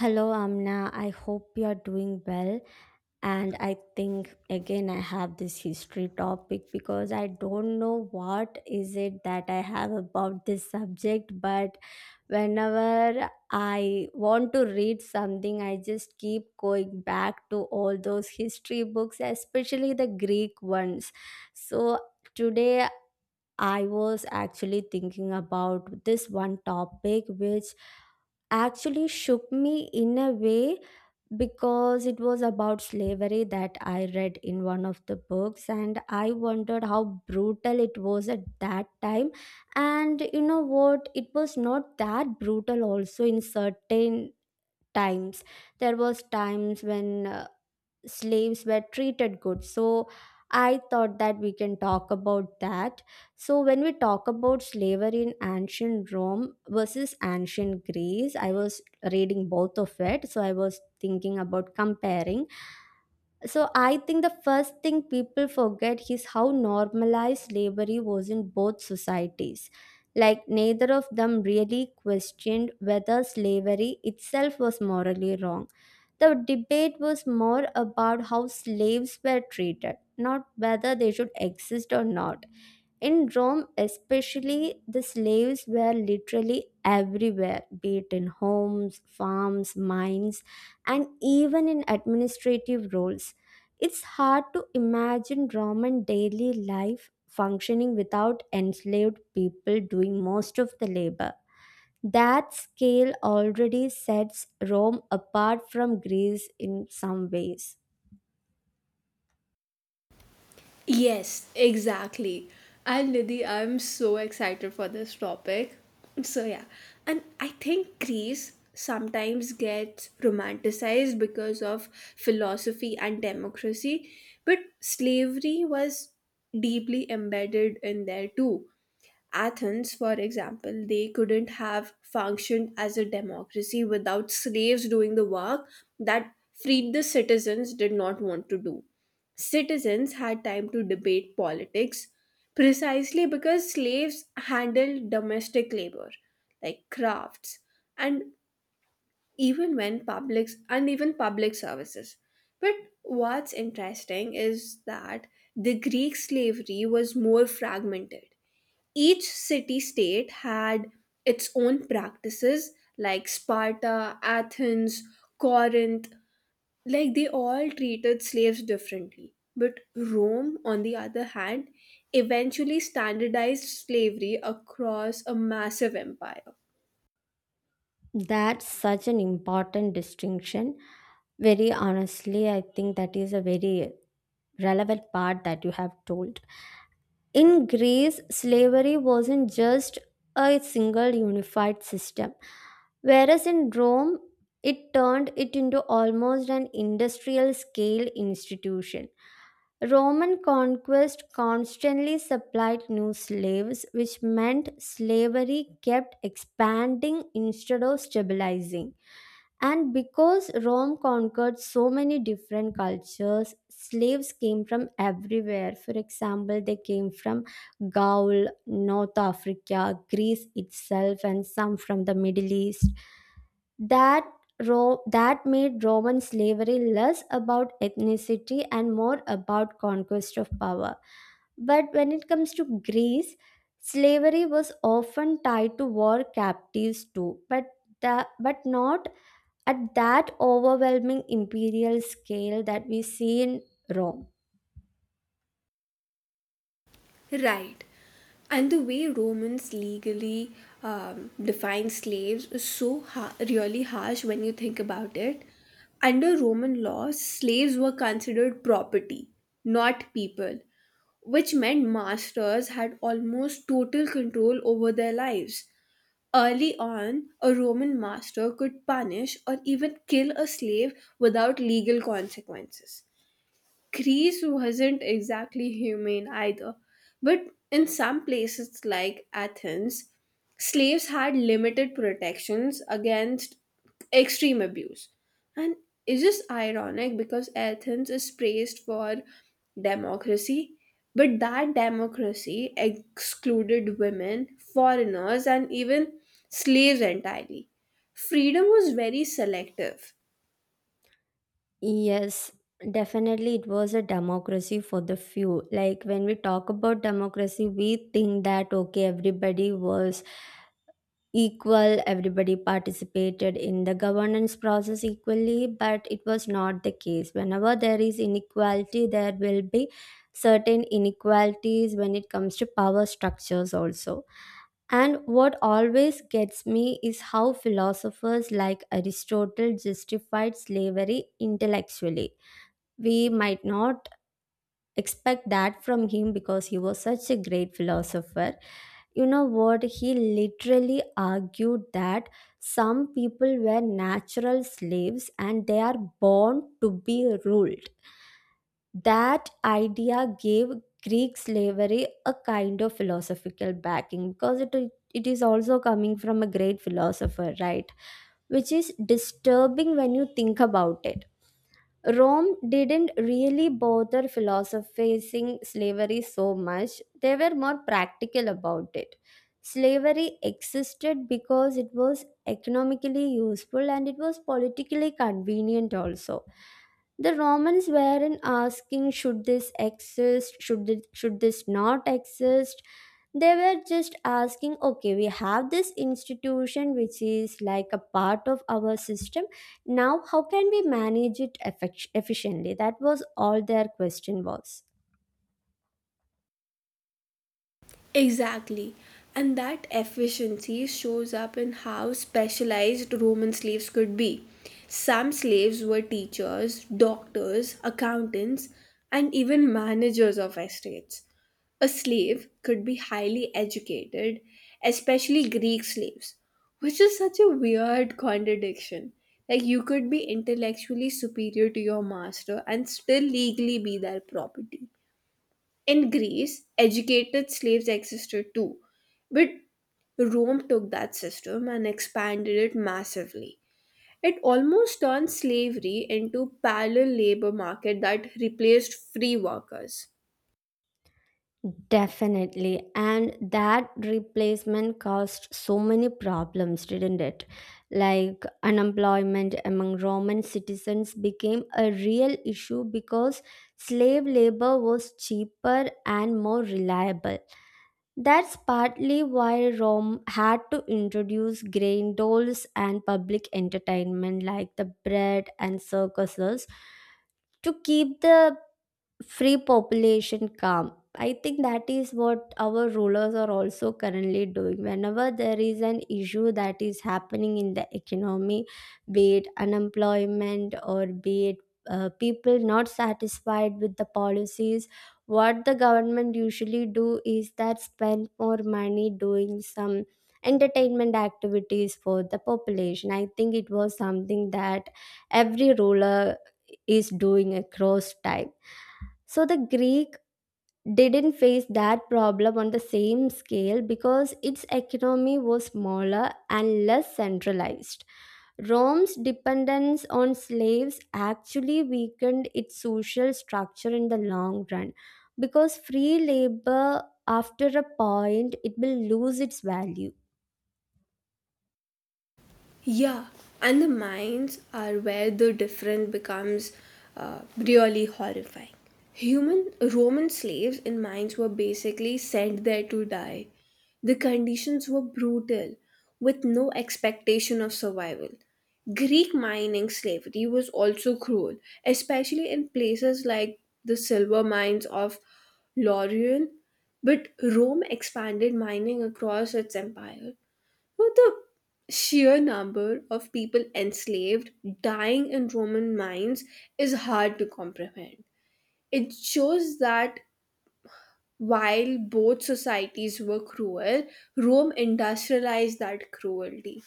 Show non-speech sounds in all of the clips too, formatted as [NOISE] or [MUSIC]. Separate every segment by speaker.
Speaker 1: Hello, Amna. I hope you are doing well. And I think again I have this history topic because I don't know what is it that I have about this subject, but whenever I want to read something, I just keep going back to all those history books, especially the Greek ones. So today I was actually thinking about this one topic which actually shook me in a way because it was about slavery that I read in one of the books, and I wondered how brutal it was at that time. And you know what? It was not that brutal, also, in certain times. There was times when slaves were treated good. So I thought that we can talk about that. So when we talk about slavery in ancient Rome versus ancient Greece, I was reading both of it, so I was thinking about comparing. So I think the first thing people forget is how normalized slavery was in both societies. Like, neither of them really questioned whether slavery itself was morally wrong. The debate was more about how slaves were treated, not whether they should exist or not. In Rome, especially, the slaves were literally everywhere, be it in homes, farms, mines, and even in administrative roles. It's hard to imagine Roman daily life functioning without enslaved people doing most of the labor. That scale already sets Rome apart from Greece in some ways.
Speaker 2: Yes, exactly. And Nidhi, I'm so excited for this topic. So, yeah. And I think Greece sometimes gets romanticized because of philosophy and democracy, but slavery was deeply embedded in there too. Athens, for example, they couldn't have functioned as a democracy without slaves doing the work that freed the citizens did not want to do. Citizens had time to debate politics precisely because slaves handled domestic labor, like crafts, and even when publics and even public services. But what's interesting is that the Greek slavery was more fragmented. Each city state had its own practices, like Sparta, Athens, Corinth, like they all treated slaves differently. But Rome, on the other hand, eventually standardized slavery across a massive empire.
Speaker 1: That's such an important distinction. Very honestly, I think that is a very relevant part that you have told. In Greece, slavery wasn't just a single unified system, whereas in Rome, it turned it into almost an industrial scale institution. Roman conquest constantly supplied new slaves, which meant slavery kept expanding instead of stabilizing. And because Rome conquered so many different cultures, slaves came from everywhere. For example, they came from Gaul, North Africa, Greece itself, and some from the Middle East. That Ro- that made Roman slavery less about ethnicity and more about conquest of power. But when it comes to Greece, slavery was often tied to war captives too, but not at that overwhelming imperial scale that we see in Rome.
Speaker 2: Right. And the way Romans legally defined slaves is really harsh when you think about it. Under Roman law, slaves were considered property, not people, which meant masters had almost total control over their lives. Early on, a Roman master could punish or even kill a slave without legal consequences. Greece wasn't exactly humane either, but in some places like Athens, slaves had limited protections against extreme abuse. And it's just ironic because Athens is praised for democracy, but that democracy excluded women, foreigners, and even slaves entirely. Freedom was very selective.
Speaker 1: Yes, definitely it was a democracy for the few. Like, when we talk about democracy, we think that okay, everybody was equal, everybody participated in the governance process equally, but it was not the case. Whenever there is inequality, there will be certain inequalities when it comes to power structures also. And what always gets me is how philosophers like Aristotle justified slavery intellectually. We might not expect that from him because he was such a great philosopher. You know what, he literally argued that some people were natural slaves and they are born to be ruled. That idea gave Greek slavery a kind of philosophical backing because it is also coming from a great philosopher, right? Which is disturbing when you think about it. Rome didn't really bother philosophizing slavery so much, they were more practical about it. Slavery existed because it was economically useful and it was politically convenient also. The Romans weren't asking should this exist, should this not exist. They were just asking, okay, we have this institution which is like a part of our system now, how can we manage it efficiently? That was all their question was.
Speaker 2: Exactly. And that efficiency shows up in how specialized Roman slaves could be. Some slaves were teachers, doctors, accountants, and even managers of estates. A slave could be highly educated, especially Greek slaves, which is such a weird contradiction. Like, you could be intellectually superior to your master and still legally be their property. In Greece, educated slaves existed too, but Rome took that system and expanded it massively. It almost turned slavery into parallel labor market that replaced free workers.
Speaker 1: Definitely. And that replacement caused so many problems, didn't it? Like, unemployment among Roman citizens became a real issue because slave labor was cheaper and more reliable. That's partly why Rome had to introduce grain dolls and public entertainment like the bread and circuses to keep the free population calm. I think that is what our rulers are also currently doing. Whenever there is an issue that is happening in the economy, be it unemployment or be it people not satisfied with the policies, what the government usually do is that spend more money doing some entertainment activities for the population. I think it was something that every ruler is doing across time. So the Greek didn't face that problem on the same scale because its economy was smaller and less centralized. Rome's dependence on slaves actually weakened its social structure in the long run because free labor, after a point, it will lose its value.
Speaker 2: Yeah, and the mines are where the different becomes really horrifying. Human Roman slaves in mines were basically sent there to die. The conditions were brutal, with no expectation of survival. Greek mining slavery was also cruel, especially in places like the silver mines of Laurion. But Rome expanded mining across its empire, well, the sheer number of people enslaved, dying in Roman mines, is hard to comprehend. It shows that while both societies were cruel, Rome industrialized that cruelty.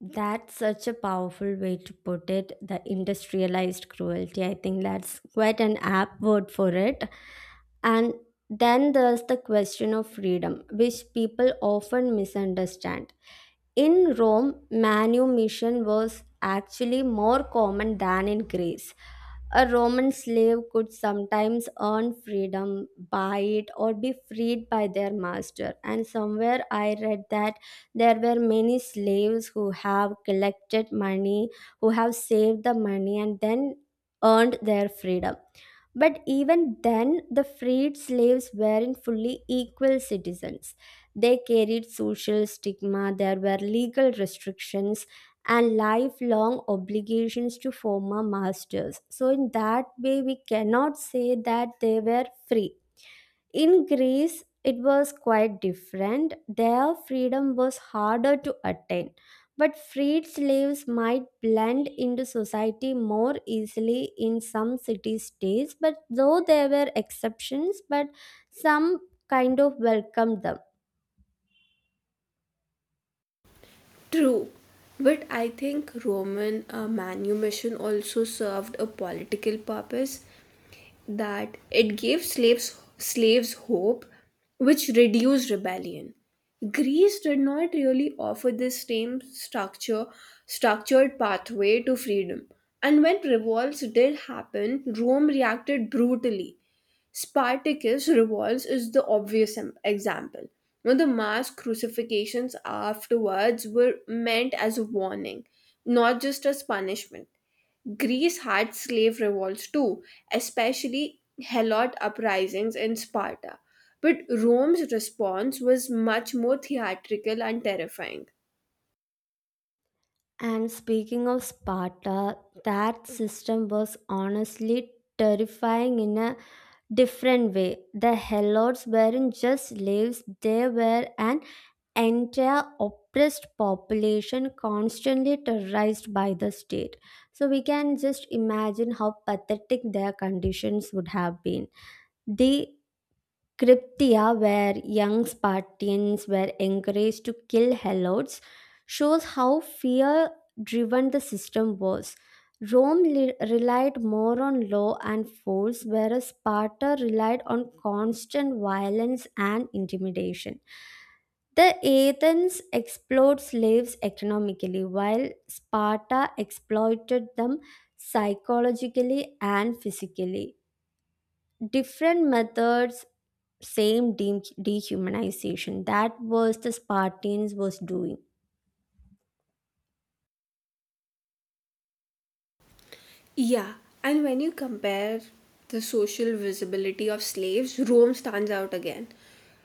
Speaker 1: That's such a powerful way to put it, the industrialized cruelty. I think that's quite an apt word for it. And then there's the question of freedom, which people often misunderstand. In Rome, manumission was actually more common than in Greece. A Roman slave could sometimes earn freedom, buy it, or be freed by their master. And somewhere I read that there were many slaves who have collected money, who have saved the money, and then earned their freedom. But even then, the freed slaves weren't fully equal citizens. They carried social stigma, there were legal restrictions, and lifelong obligations to former masters. So, in that way, we cannot say that they were free. In Greece, it was quite different. Their freedom was harder to attain, but freed slaves might blend into society more easily in some city states. But though there were exceptions, but some kind of welcomed them.
Speaker 2: True, but I think Roman manumission also served a political purpose. That it gave slaves hope, which reduced rebellion. Greece did not really offer this same structured pathway to freedom. And when revolts did happen, Rome reacted brutally. Spartacus revolts is the obvious example. Now, the mass crucifixions afterwards were meant as a warning, not just as punishment. Greece had slave revolts too, especially Helot uprisings in Sparta. But Rome's response was much more theatrical and terrifying.
Speaker 1: And speaking of Sparta, that system was honestly terrifying in a different way. The Helots weren't just slaves, they were an entire oppressed population constantly terrorized by the state. So we can just imagine how pathetic their conditions would have been. They Cryptia, where young Spartans were encouraged to kill helots, shows how fear driven the system was. Rome relied more on law and force, whereas Sparta relied on constant violence and intimidation. The Athens exploited slaves economically, while Sparta exploited them psychologically and physically. Different methods, same dehumanization, that was the Spartans was doing.
Speaker 2: Yeah, and when you compare the social visibility of slaves, Rome stands out again.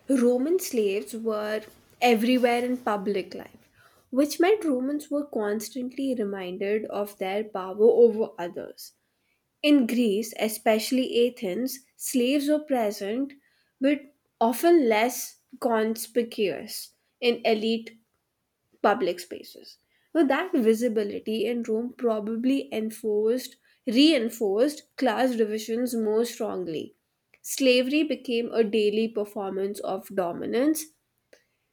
Speaker 2: Roman slaves were everywhere in public life, which meant Romans were constantly reminded of their power over others. In Greece, especially Athens, slaves were present but often less conspicuous in elite public spaces. Now that visibility in Rome probably enforced reinforced class divisions more strongly. Slavery became a daily performance of dominance,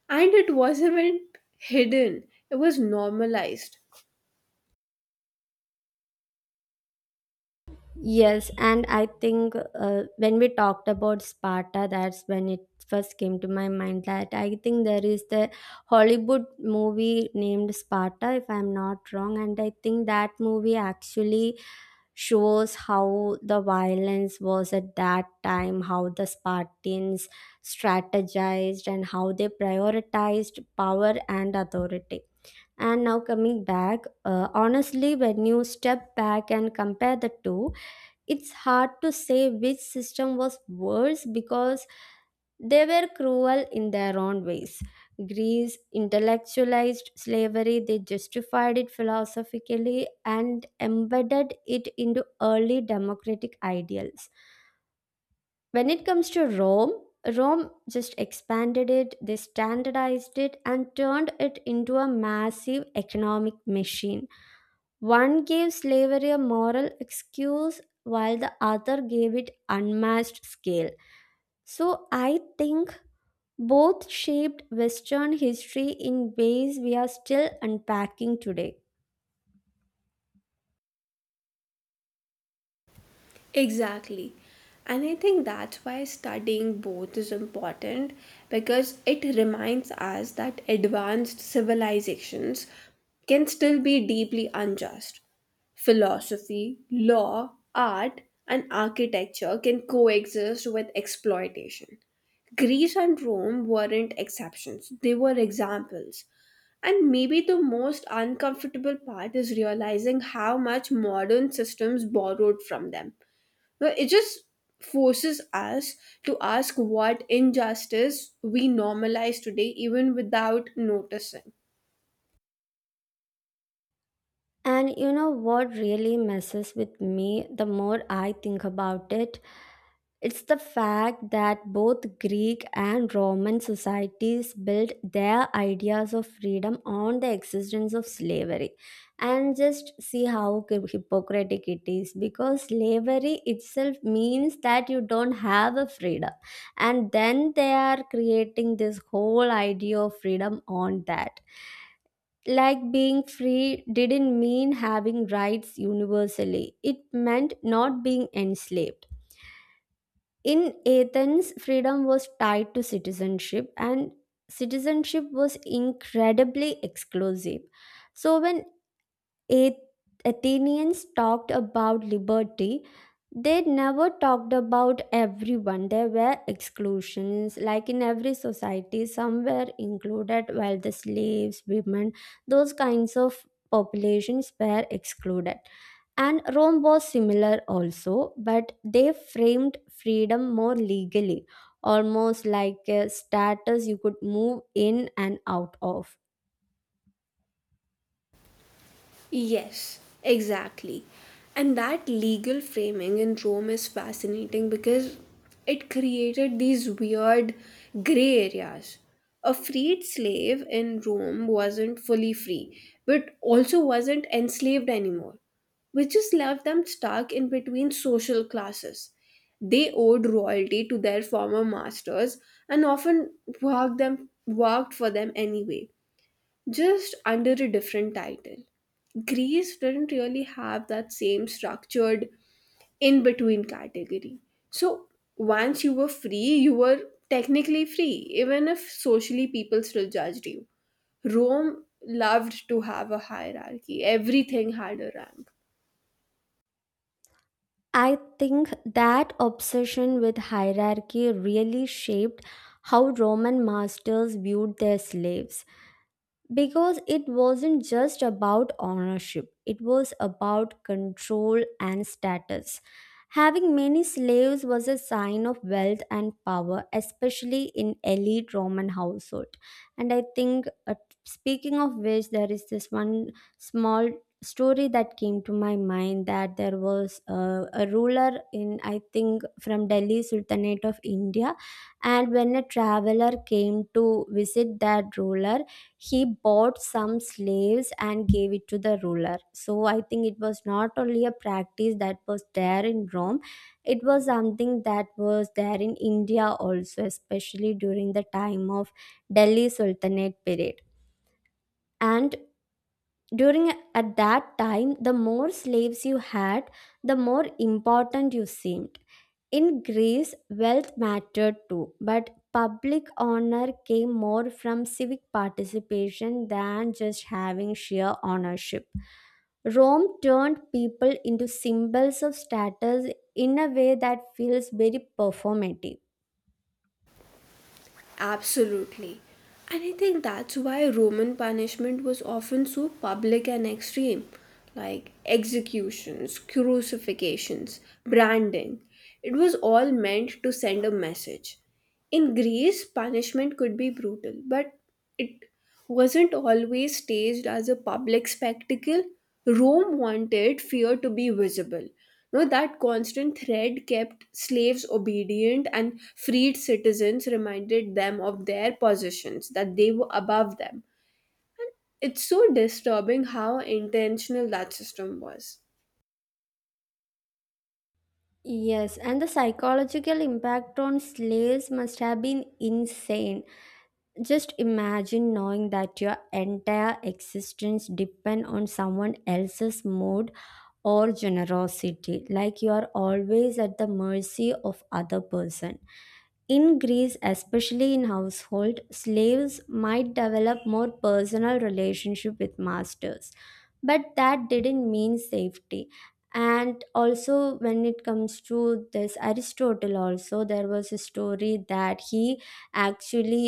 Speaker 2: and it wasn't [LAUGHS] even hidden. It was normalized.
Speaker 1: Yes, and I think, when we talked about Sparta, that's when it first came to my mind that I think there is the Hollywood movie named Sparta, if I'm not wrong. And I think that movie actually shows how the violence was at that time, how the Spartans strategized and how they prioritized power and authority. And now coming back, honestly, when you step back and compare the two, it's hard to say which system was worse because they were cruel in their own ways. Greece intellectualized slavery, they justified it philosophically and embedded it into early democratic ideals. When it comes to Rome, Rome just expanded it, they standardized it, and turned it into a massive economic machine. One gave slavery a moral excuse, while the other gave it unmatched scale. So I think both shaped Western history in ways we are still unpacking today.
Speaker 2: Exactly. And I think that's why studying both is important because it reminds us that advanced civilizations can still be deeply unjust. Philosophy, law, art, and architecture can coexist with exploitation. Greece and Rome weren't exceptions, they were examples. And maybe the most uncomfortable part is realizing how much modern systems borrowed from them. Well, it just forces us to ask what injustice we normalize today, even without noticing.
Speaker 1: And you know what really messes with me the more I think about it? It's the fact that both Greek and Roman societies built their ideas of freedom on the existence of slavery. And just see how hypocritic it is, because slavery itself means that you don't have a freedom. And then they are creating this whole idea of freedom on that. Like, being free didn't mean having rights universally, it meant not being enslaved. In Athens, freedom was tied to citizenship, and citizenship was incredibly exclusive. So, when Athenians talked about liberty, they never talked about everyone. There were exclusions. Like in every society, some were included while the slaves, women, those kinds of populations were excluded. And Rome was similar also, but they framed freedom more legally, almost like a status you could move in and out of.
Speaker 2: Yes, exactly. And that legal framing in Rome is fascinating because it created these weird gray areas. A freed slave in Rome wasn't fully free, but also wasn't enslaved anymore, which just left them stuck in between social classes. They owed royalty to their former masters and often worked for them anyway, just under a different title. Greece didn't really have that same structured in between category. So once you were free, you were technically free, even if socially people still judged you. Rome loved to have a hierarchy, everything had a rank.
Speaker 1: I think that obsession with hierarchy really shaped how Roman masters viewed their slaves because it wasn't just about ownership, it was about control and status. Having many slaves was a sign of wealth and power, especially in elite Roman household. And I think, speaking of which, there is this one small story that came to my mind, that there was a ruler in, I think, from Delhi Sultanate of India. And when a traveler came to visit that ruler, he bought some slaves and gave it to the ruler. So I think it was not only a practice that was there in Rome, it was something that was there in India also, especially during the time of Delhi Sultanate period. And during at that time the more slaves you had, the more important you seemed. In Greece, wealth mattered too, but public honor came more from civic participation than just having sheer ownership. Rome turned people into symbols of status in a way that feels very performative.
Speaker 2: Absolutely. And I think that's why Roman punishment was often so public and extreme, like executions, crucifixions, branding. It was all meant to send a message. In Greece, punishment could be brutal, but it wasn't always staged as a public spectacle. Rome wanted fear to be visible. No, that constant thread kept slaves obedient and freed citizens reminded them of their positions, that they were above them. It's so disturbing how intentional that system was.
Speaker 1: Yes, and the psychological impact on slaves must have been insane. Just imagine knowing that your entire existence depend on someone else's mood or generosity, like you are always at the mercy of other person. In Greece, especially in household, slaves might develop more personal relationship with masters, but that didn't mean safety. And also, when it comes to this, Aristotle also, there was a story that he actually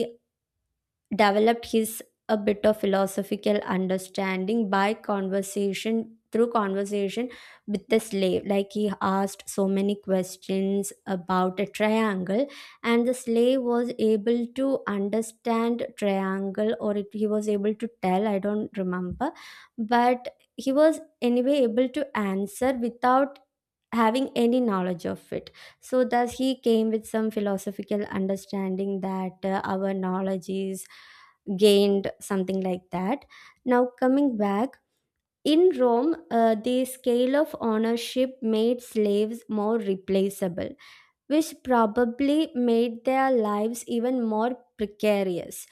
Speaker 1: developed his a bit of philosophical understanding by conversation with the slave. Like he asked so many questions about a triangle, and the slave was able to understand triangle, he was able to tell, I don't remember, but he was anyway able to answer without having any knowledge of it. So thus he came with some philosophical understanding that our knowledge is gained, something like that. Now coming back. In Rome, the scale of ownership made slaves more replaceable, which probably made their lives even more precarious.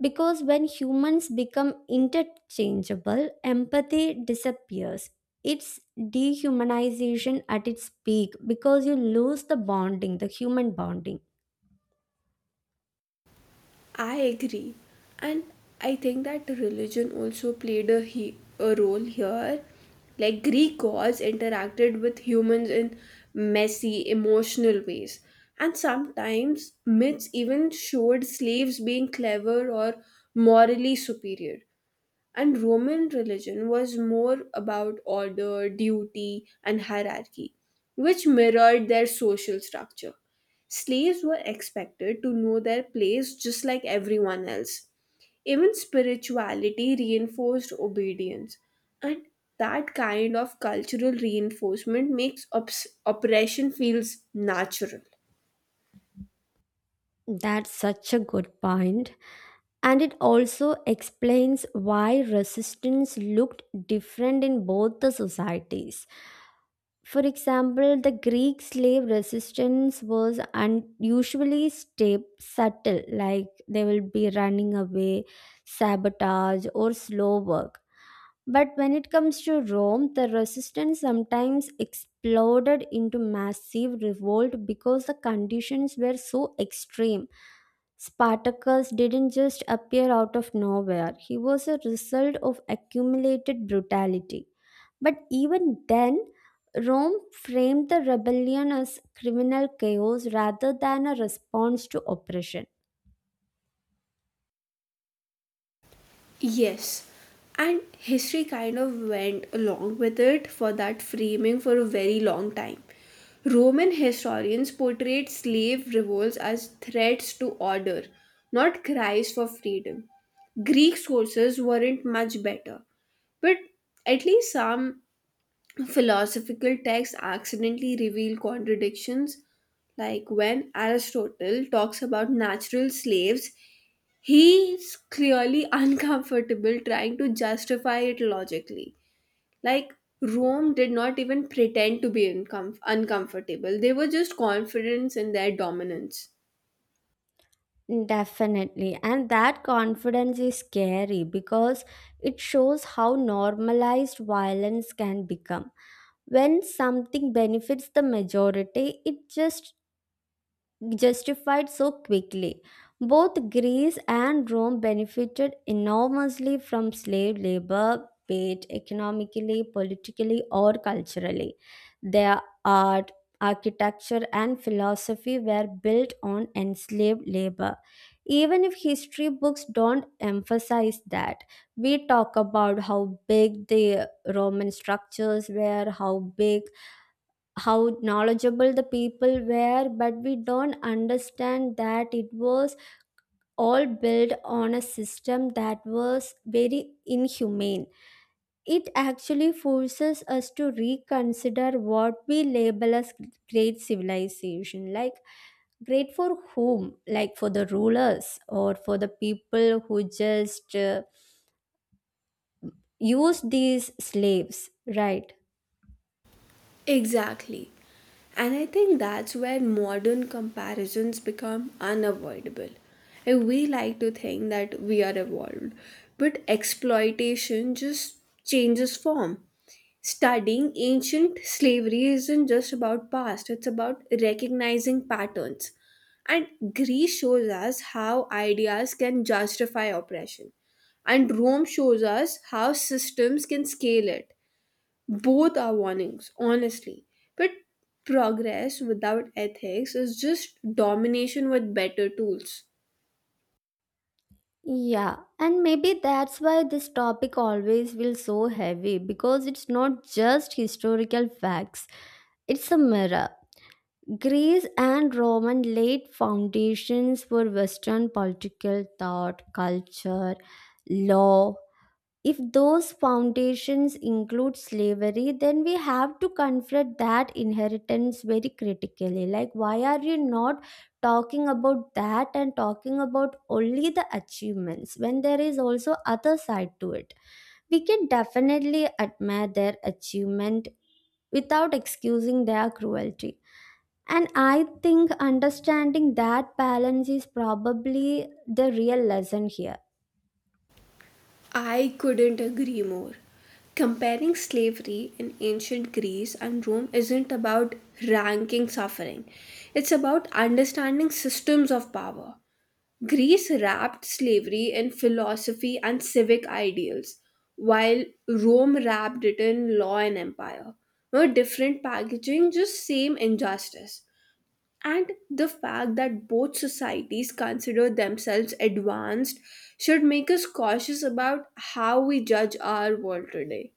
Speaker 1: Because when humans become interchangeable, empathy disappears. It's dehumanization at its peak because you lose the bonding, the human bonding.
Speaker 2: I agree. And I think that religion also played a, a role here. Like Greek gods interacted with humans in messy, emotional ways. And sometimes myths even showed slaves being clever or morally superior. And Roman religion was more about order, duty, and hierarchy, which mirrored their social structure. Slaves were expected to know their place just like everyone else. Even spirituality reinforced obedience, and that kind of cultural reinforcement makes oppression feels natural.
Speaker 1: That's such a good point. And it also explains why resistance looked different in both the societies. For example, the Greek slave resistance was unusually subtle, like they will be running away, sabotage, or slow work. But when it comes to Rome, the resistance sometimes exploded into massive revolt because the conditions were so extreme. Spartacus didn't just appear out of nowhere, he was a result of accumulated brutality. But even then, Rome framed the rebellion as criminal chaos rather than a response to oppression.
Speaker 2: Yes, and history kind of went along with it for that framing for a very long time. Roman historians portrayed slave revolts as threats to order, not cries for freedom. Greek sources weren't much better, but at least some philosophical texts accidentally reveal contradictions. Like when Aristotle talks about natural slaves, he's clearly [LAUGHS] uncomfortable trying to justify it logically. Like Rome did not even pretend to be uncomfortable, they were just confident in their dominance.
Speaker 1: Definitely. And that confidence is scary because it shows how normalized violence can become. When something benefits the majority, it just justified so quickly. Both Greece and Rome benefited enormously from slave labor, be it economically, politically, or culturally. Their art, architecture, and philosophy were built on enslaved labor. Even if history books don't emphasize that, we talk about how big the Roman structures were, how knowledgeable the people were, but we don't understand that it was all built on a system that was very inhumane. It actually forces us to reconsider what we label as great civilization. Like, great for whom? Like, for the rulers or for the people who just use these slaves, right?
Speaker 2: Exactly. And I think that's where modern comparisons become unavoidable. We like to think that we are evolved, but exploitation just changes form. Studying ancient slavery isn't just about past, it's about recognizing patterns. And Greece shows us how ideas can justify oppression. And Rome shows us how systems can scale it. Both are warnings, honestly. But progress without ethics is just domination with better tools.
Speaker 1: Yeah, and maybe that's why this topic always feels so heavy because it's not just historical facts, it's a mirror. Greece and Roman laid foundations for Western political thought, culture, law. If those foundations include slavery, then we have to confront that inheritance very critically. Like, why are you not talking about that and talking about only the achievements when there is also other side to it? We can definitely admire their achievement without excusing their cruelty. And I think understanding that balance is probably the real lesson here.
Speaker 2: I couldn't agree more. Comparing slavery in ancient Greece and Rome isn't about ranking suffering, it's about understanding systems of power. Greece wrapped slavery in philosophy and civic ideals, while Rome wrapped it in law and empire. No different packaging, just same injustice. And the fact that both societies consider themselves advanced should make us cautious about how we judge our world today.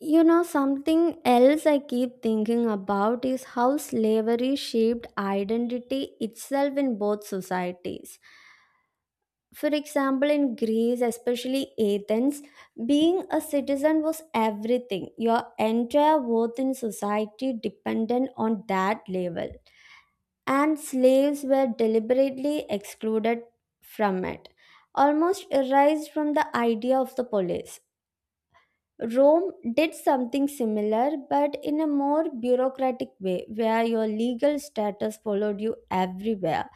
Speaker 1: You know, something else I keep thinking about is how slavery shaped identity itself in both societies. For example, in Greece, especially Athens, being a citizen was everything. Your entire worth in society depended on that level, and slaves were deliberately excluded from it, almost erased from the idea of the police. Rome did something similar, but in a more bureaucratic way, where your legal status followed you everywhere.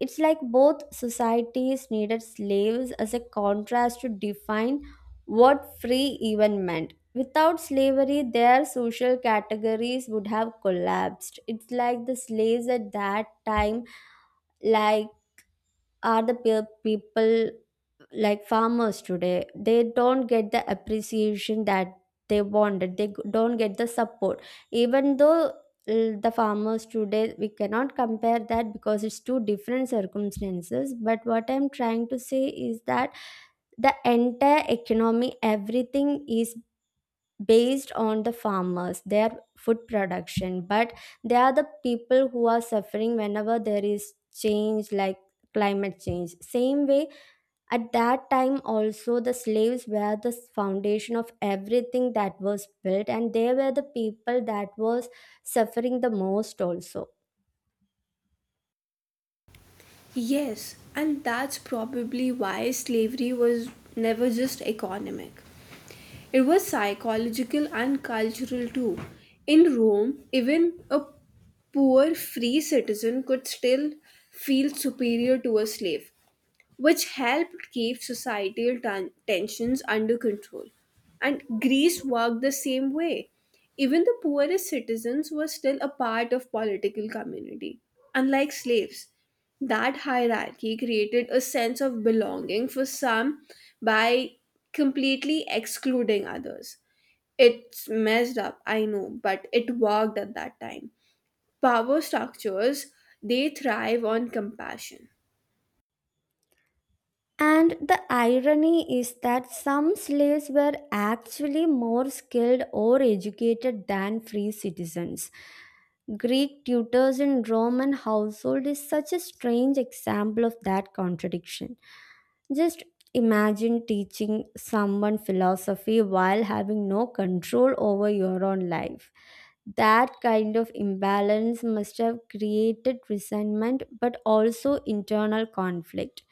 Speaker 1: It's like both societies needed slaves as a contrast to define what free even meant. Without slavery, their social categories would have collapsed. It's like the slaves at that time, like, are the people, like farmers today, they don't get the appreciation that they wanted, they don't get the support, even though the farmers today, we cannot compare that because it's two different circumstances, but what I'm trying to say is that the entire economy, everything is based on the farmers, their food production, but they are the people who are suffering whenever there is change, like climate change. Same way, at that time, also, the slaves were the foundation of everything that was built, and they were the people that was suffering the most, also.
Speaker 2: Yes, and that's probably why slavery was never just economic. It was psychological and cultural too. In Rome, even a poor free citizen could still feel superior to a slave, which helped keep societal tensions under control. And Greece worked the same way. Even the poorest citizens were still a part of political community, unlike slaves. That hierarchy created a sense of belonging for some by completely excluding others. It's messed up, I know, but it worked at that time. Power structures, they thrive on compassion.
Speaker 1: And the irony is that some slaves were actually more skilled or educated than free citizens. Greek tutors in Roman household is such a strange example of that contradiction. Just imagine teaching someone philosophy while having no control over your own life. That kind of imbalance must have created resentment but also internal conflict.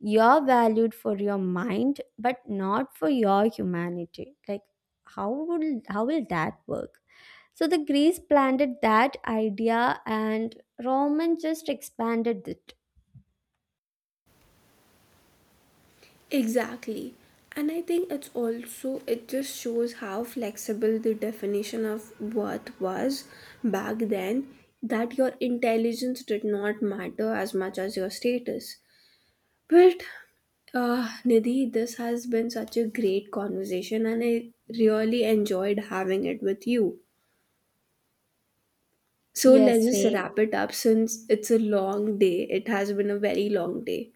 Speaker 1: You're valued for your mind but not for your humanity. Like, how will that work? So the Greeks planted that idea and Roman just expanded it.
Speaker 2: Exactly. And I think it's also, it just shows how flexible the definition of worth was back then, that your intelligence did not matter as much as your status. But, Nidhi, this has been such a great conversation, and I really enjoyed having it with you. So
Speaker 1: Yes,
Speaker 2: let's just
Speaker 1: same.
Speaker 2: wrap it up since it's a long day. It has been a very long day.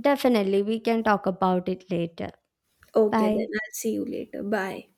Speaker 1: Definitely, we can talk about it later.
Speaker 2: Okay, then
Speaker 1: Bye.
Speaker 2: I'll see you later. Bye.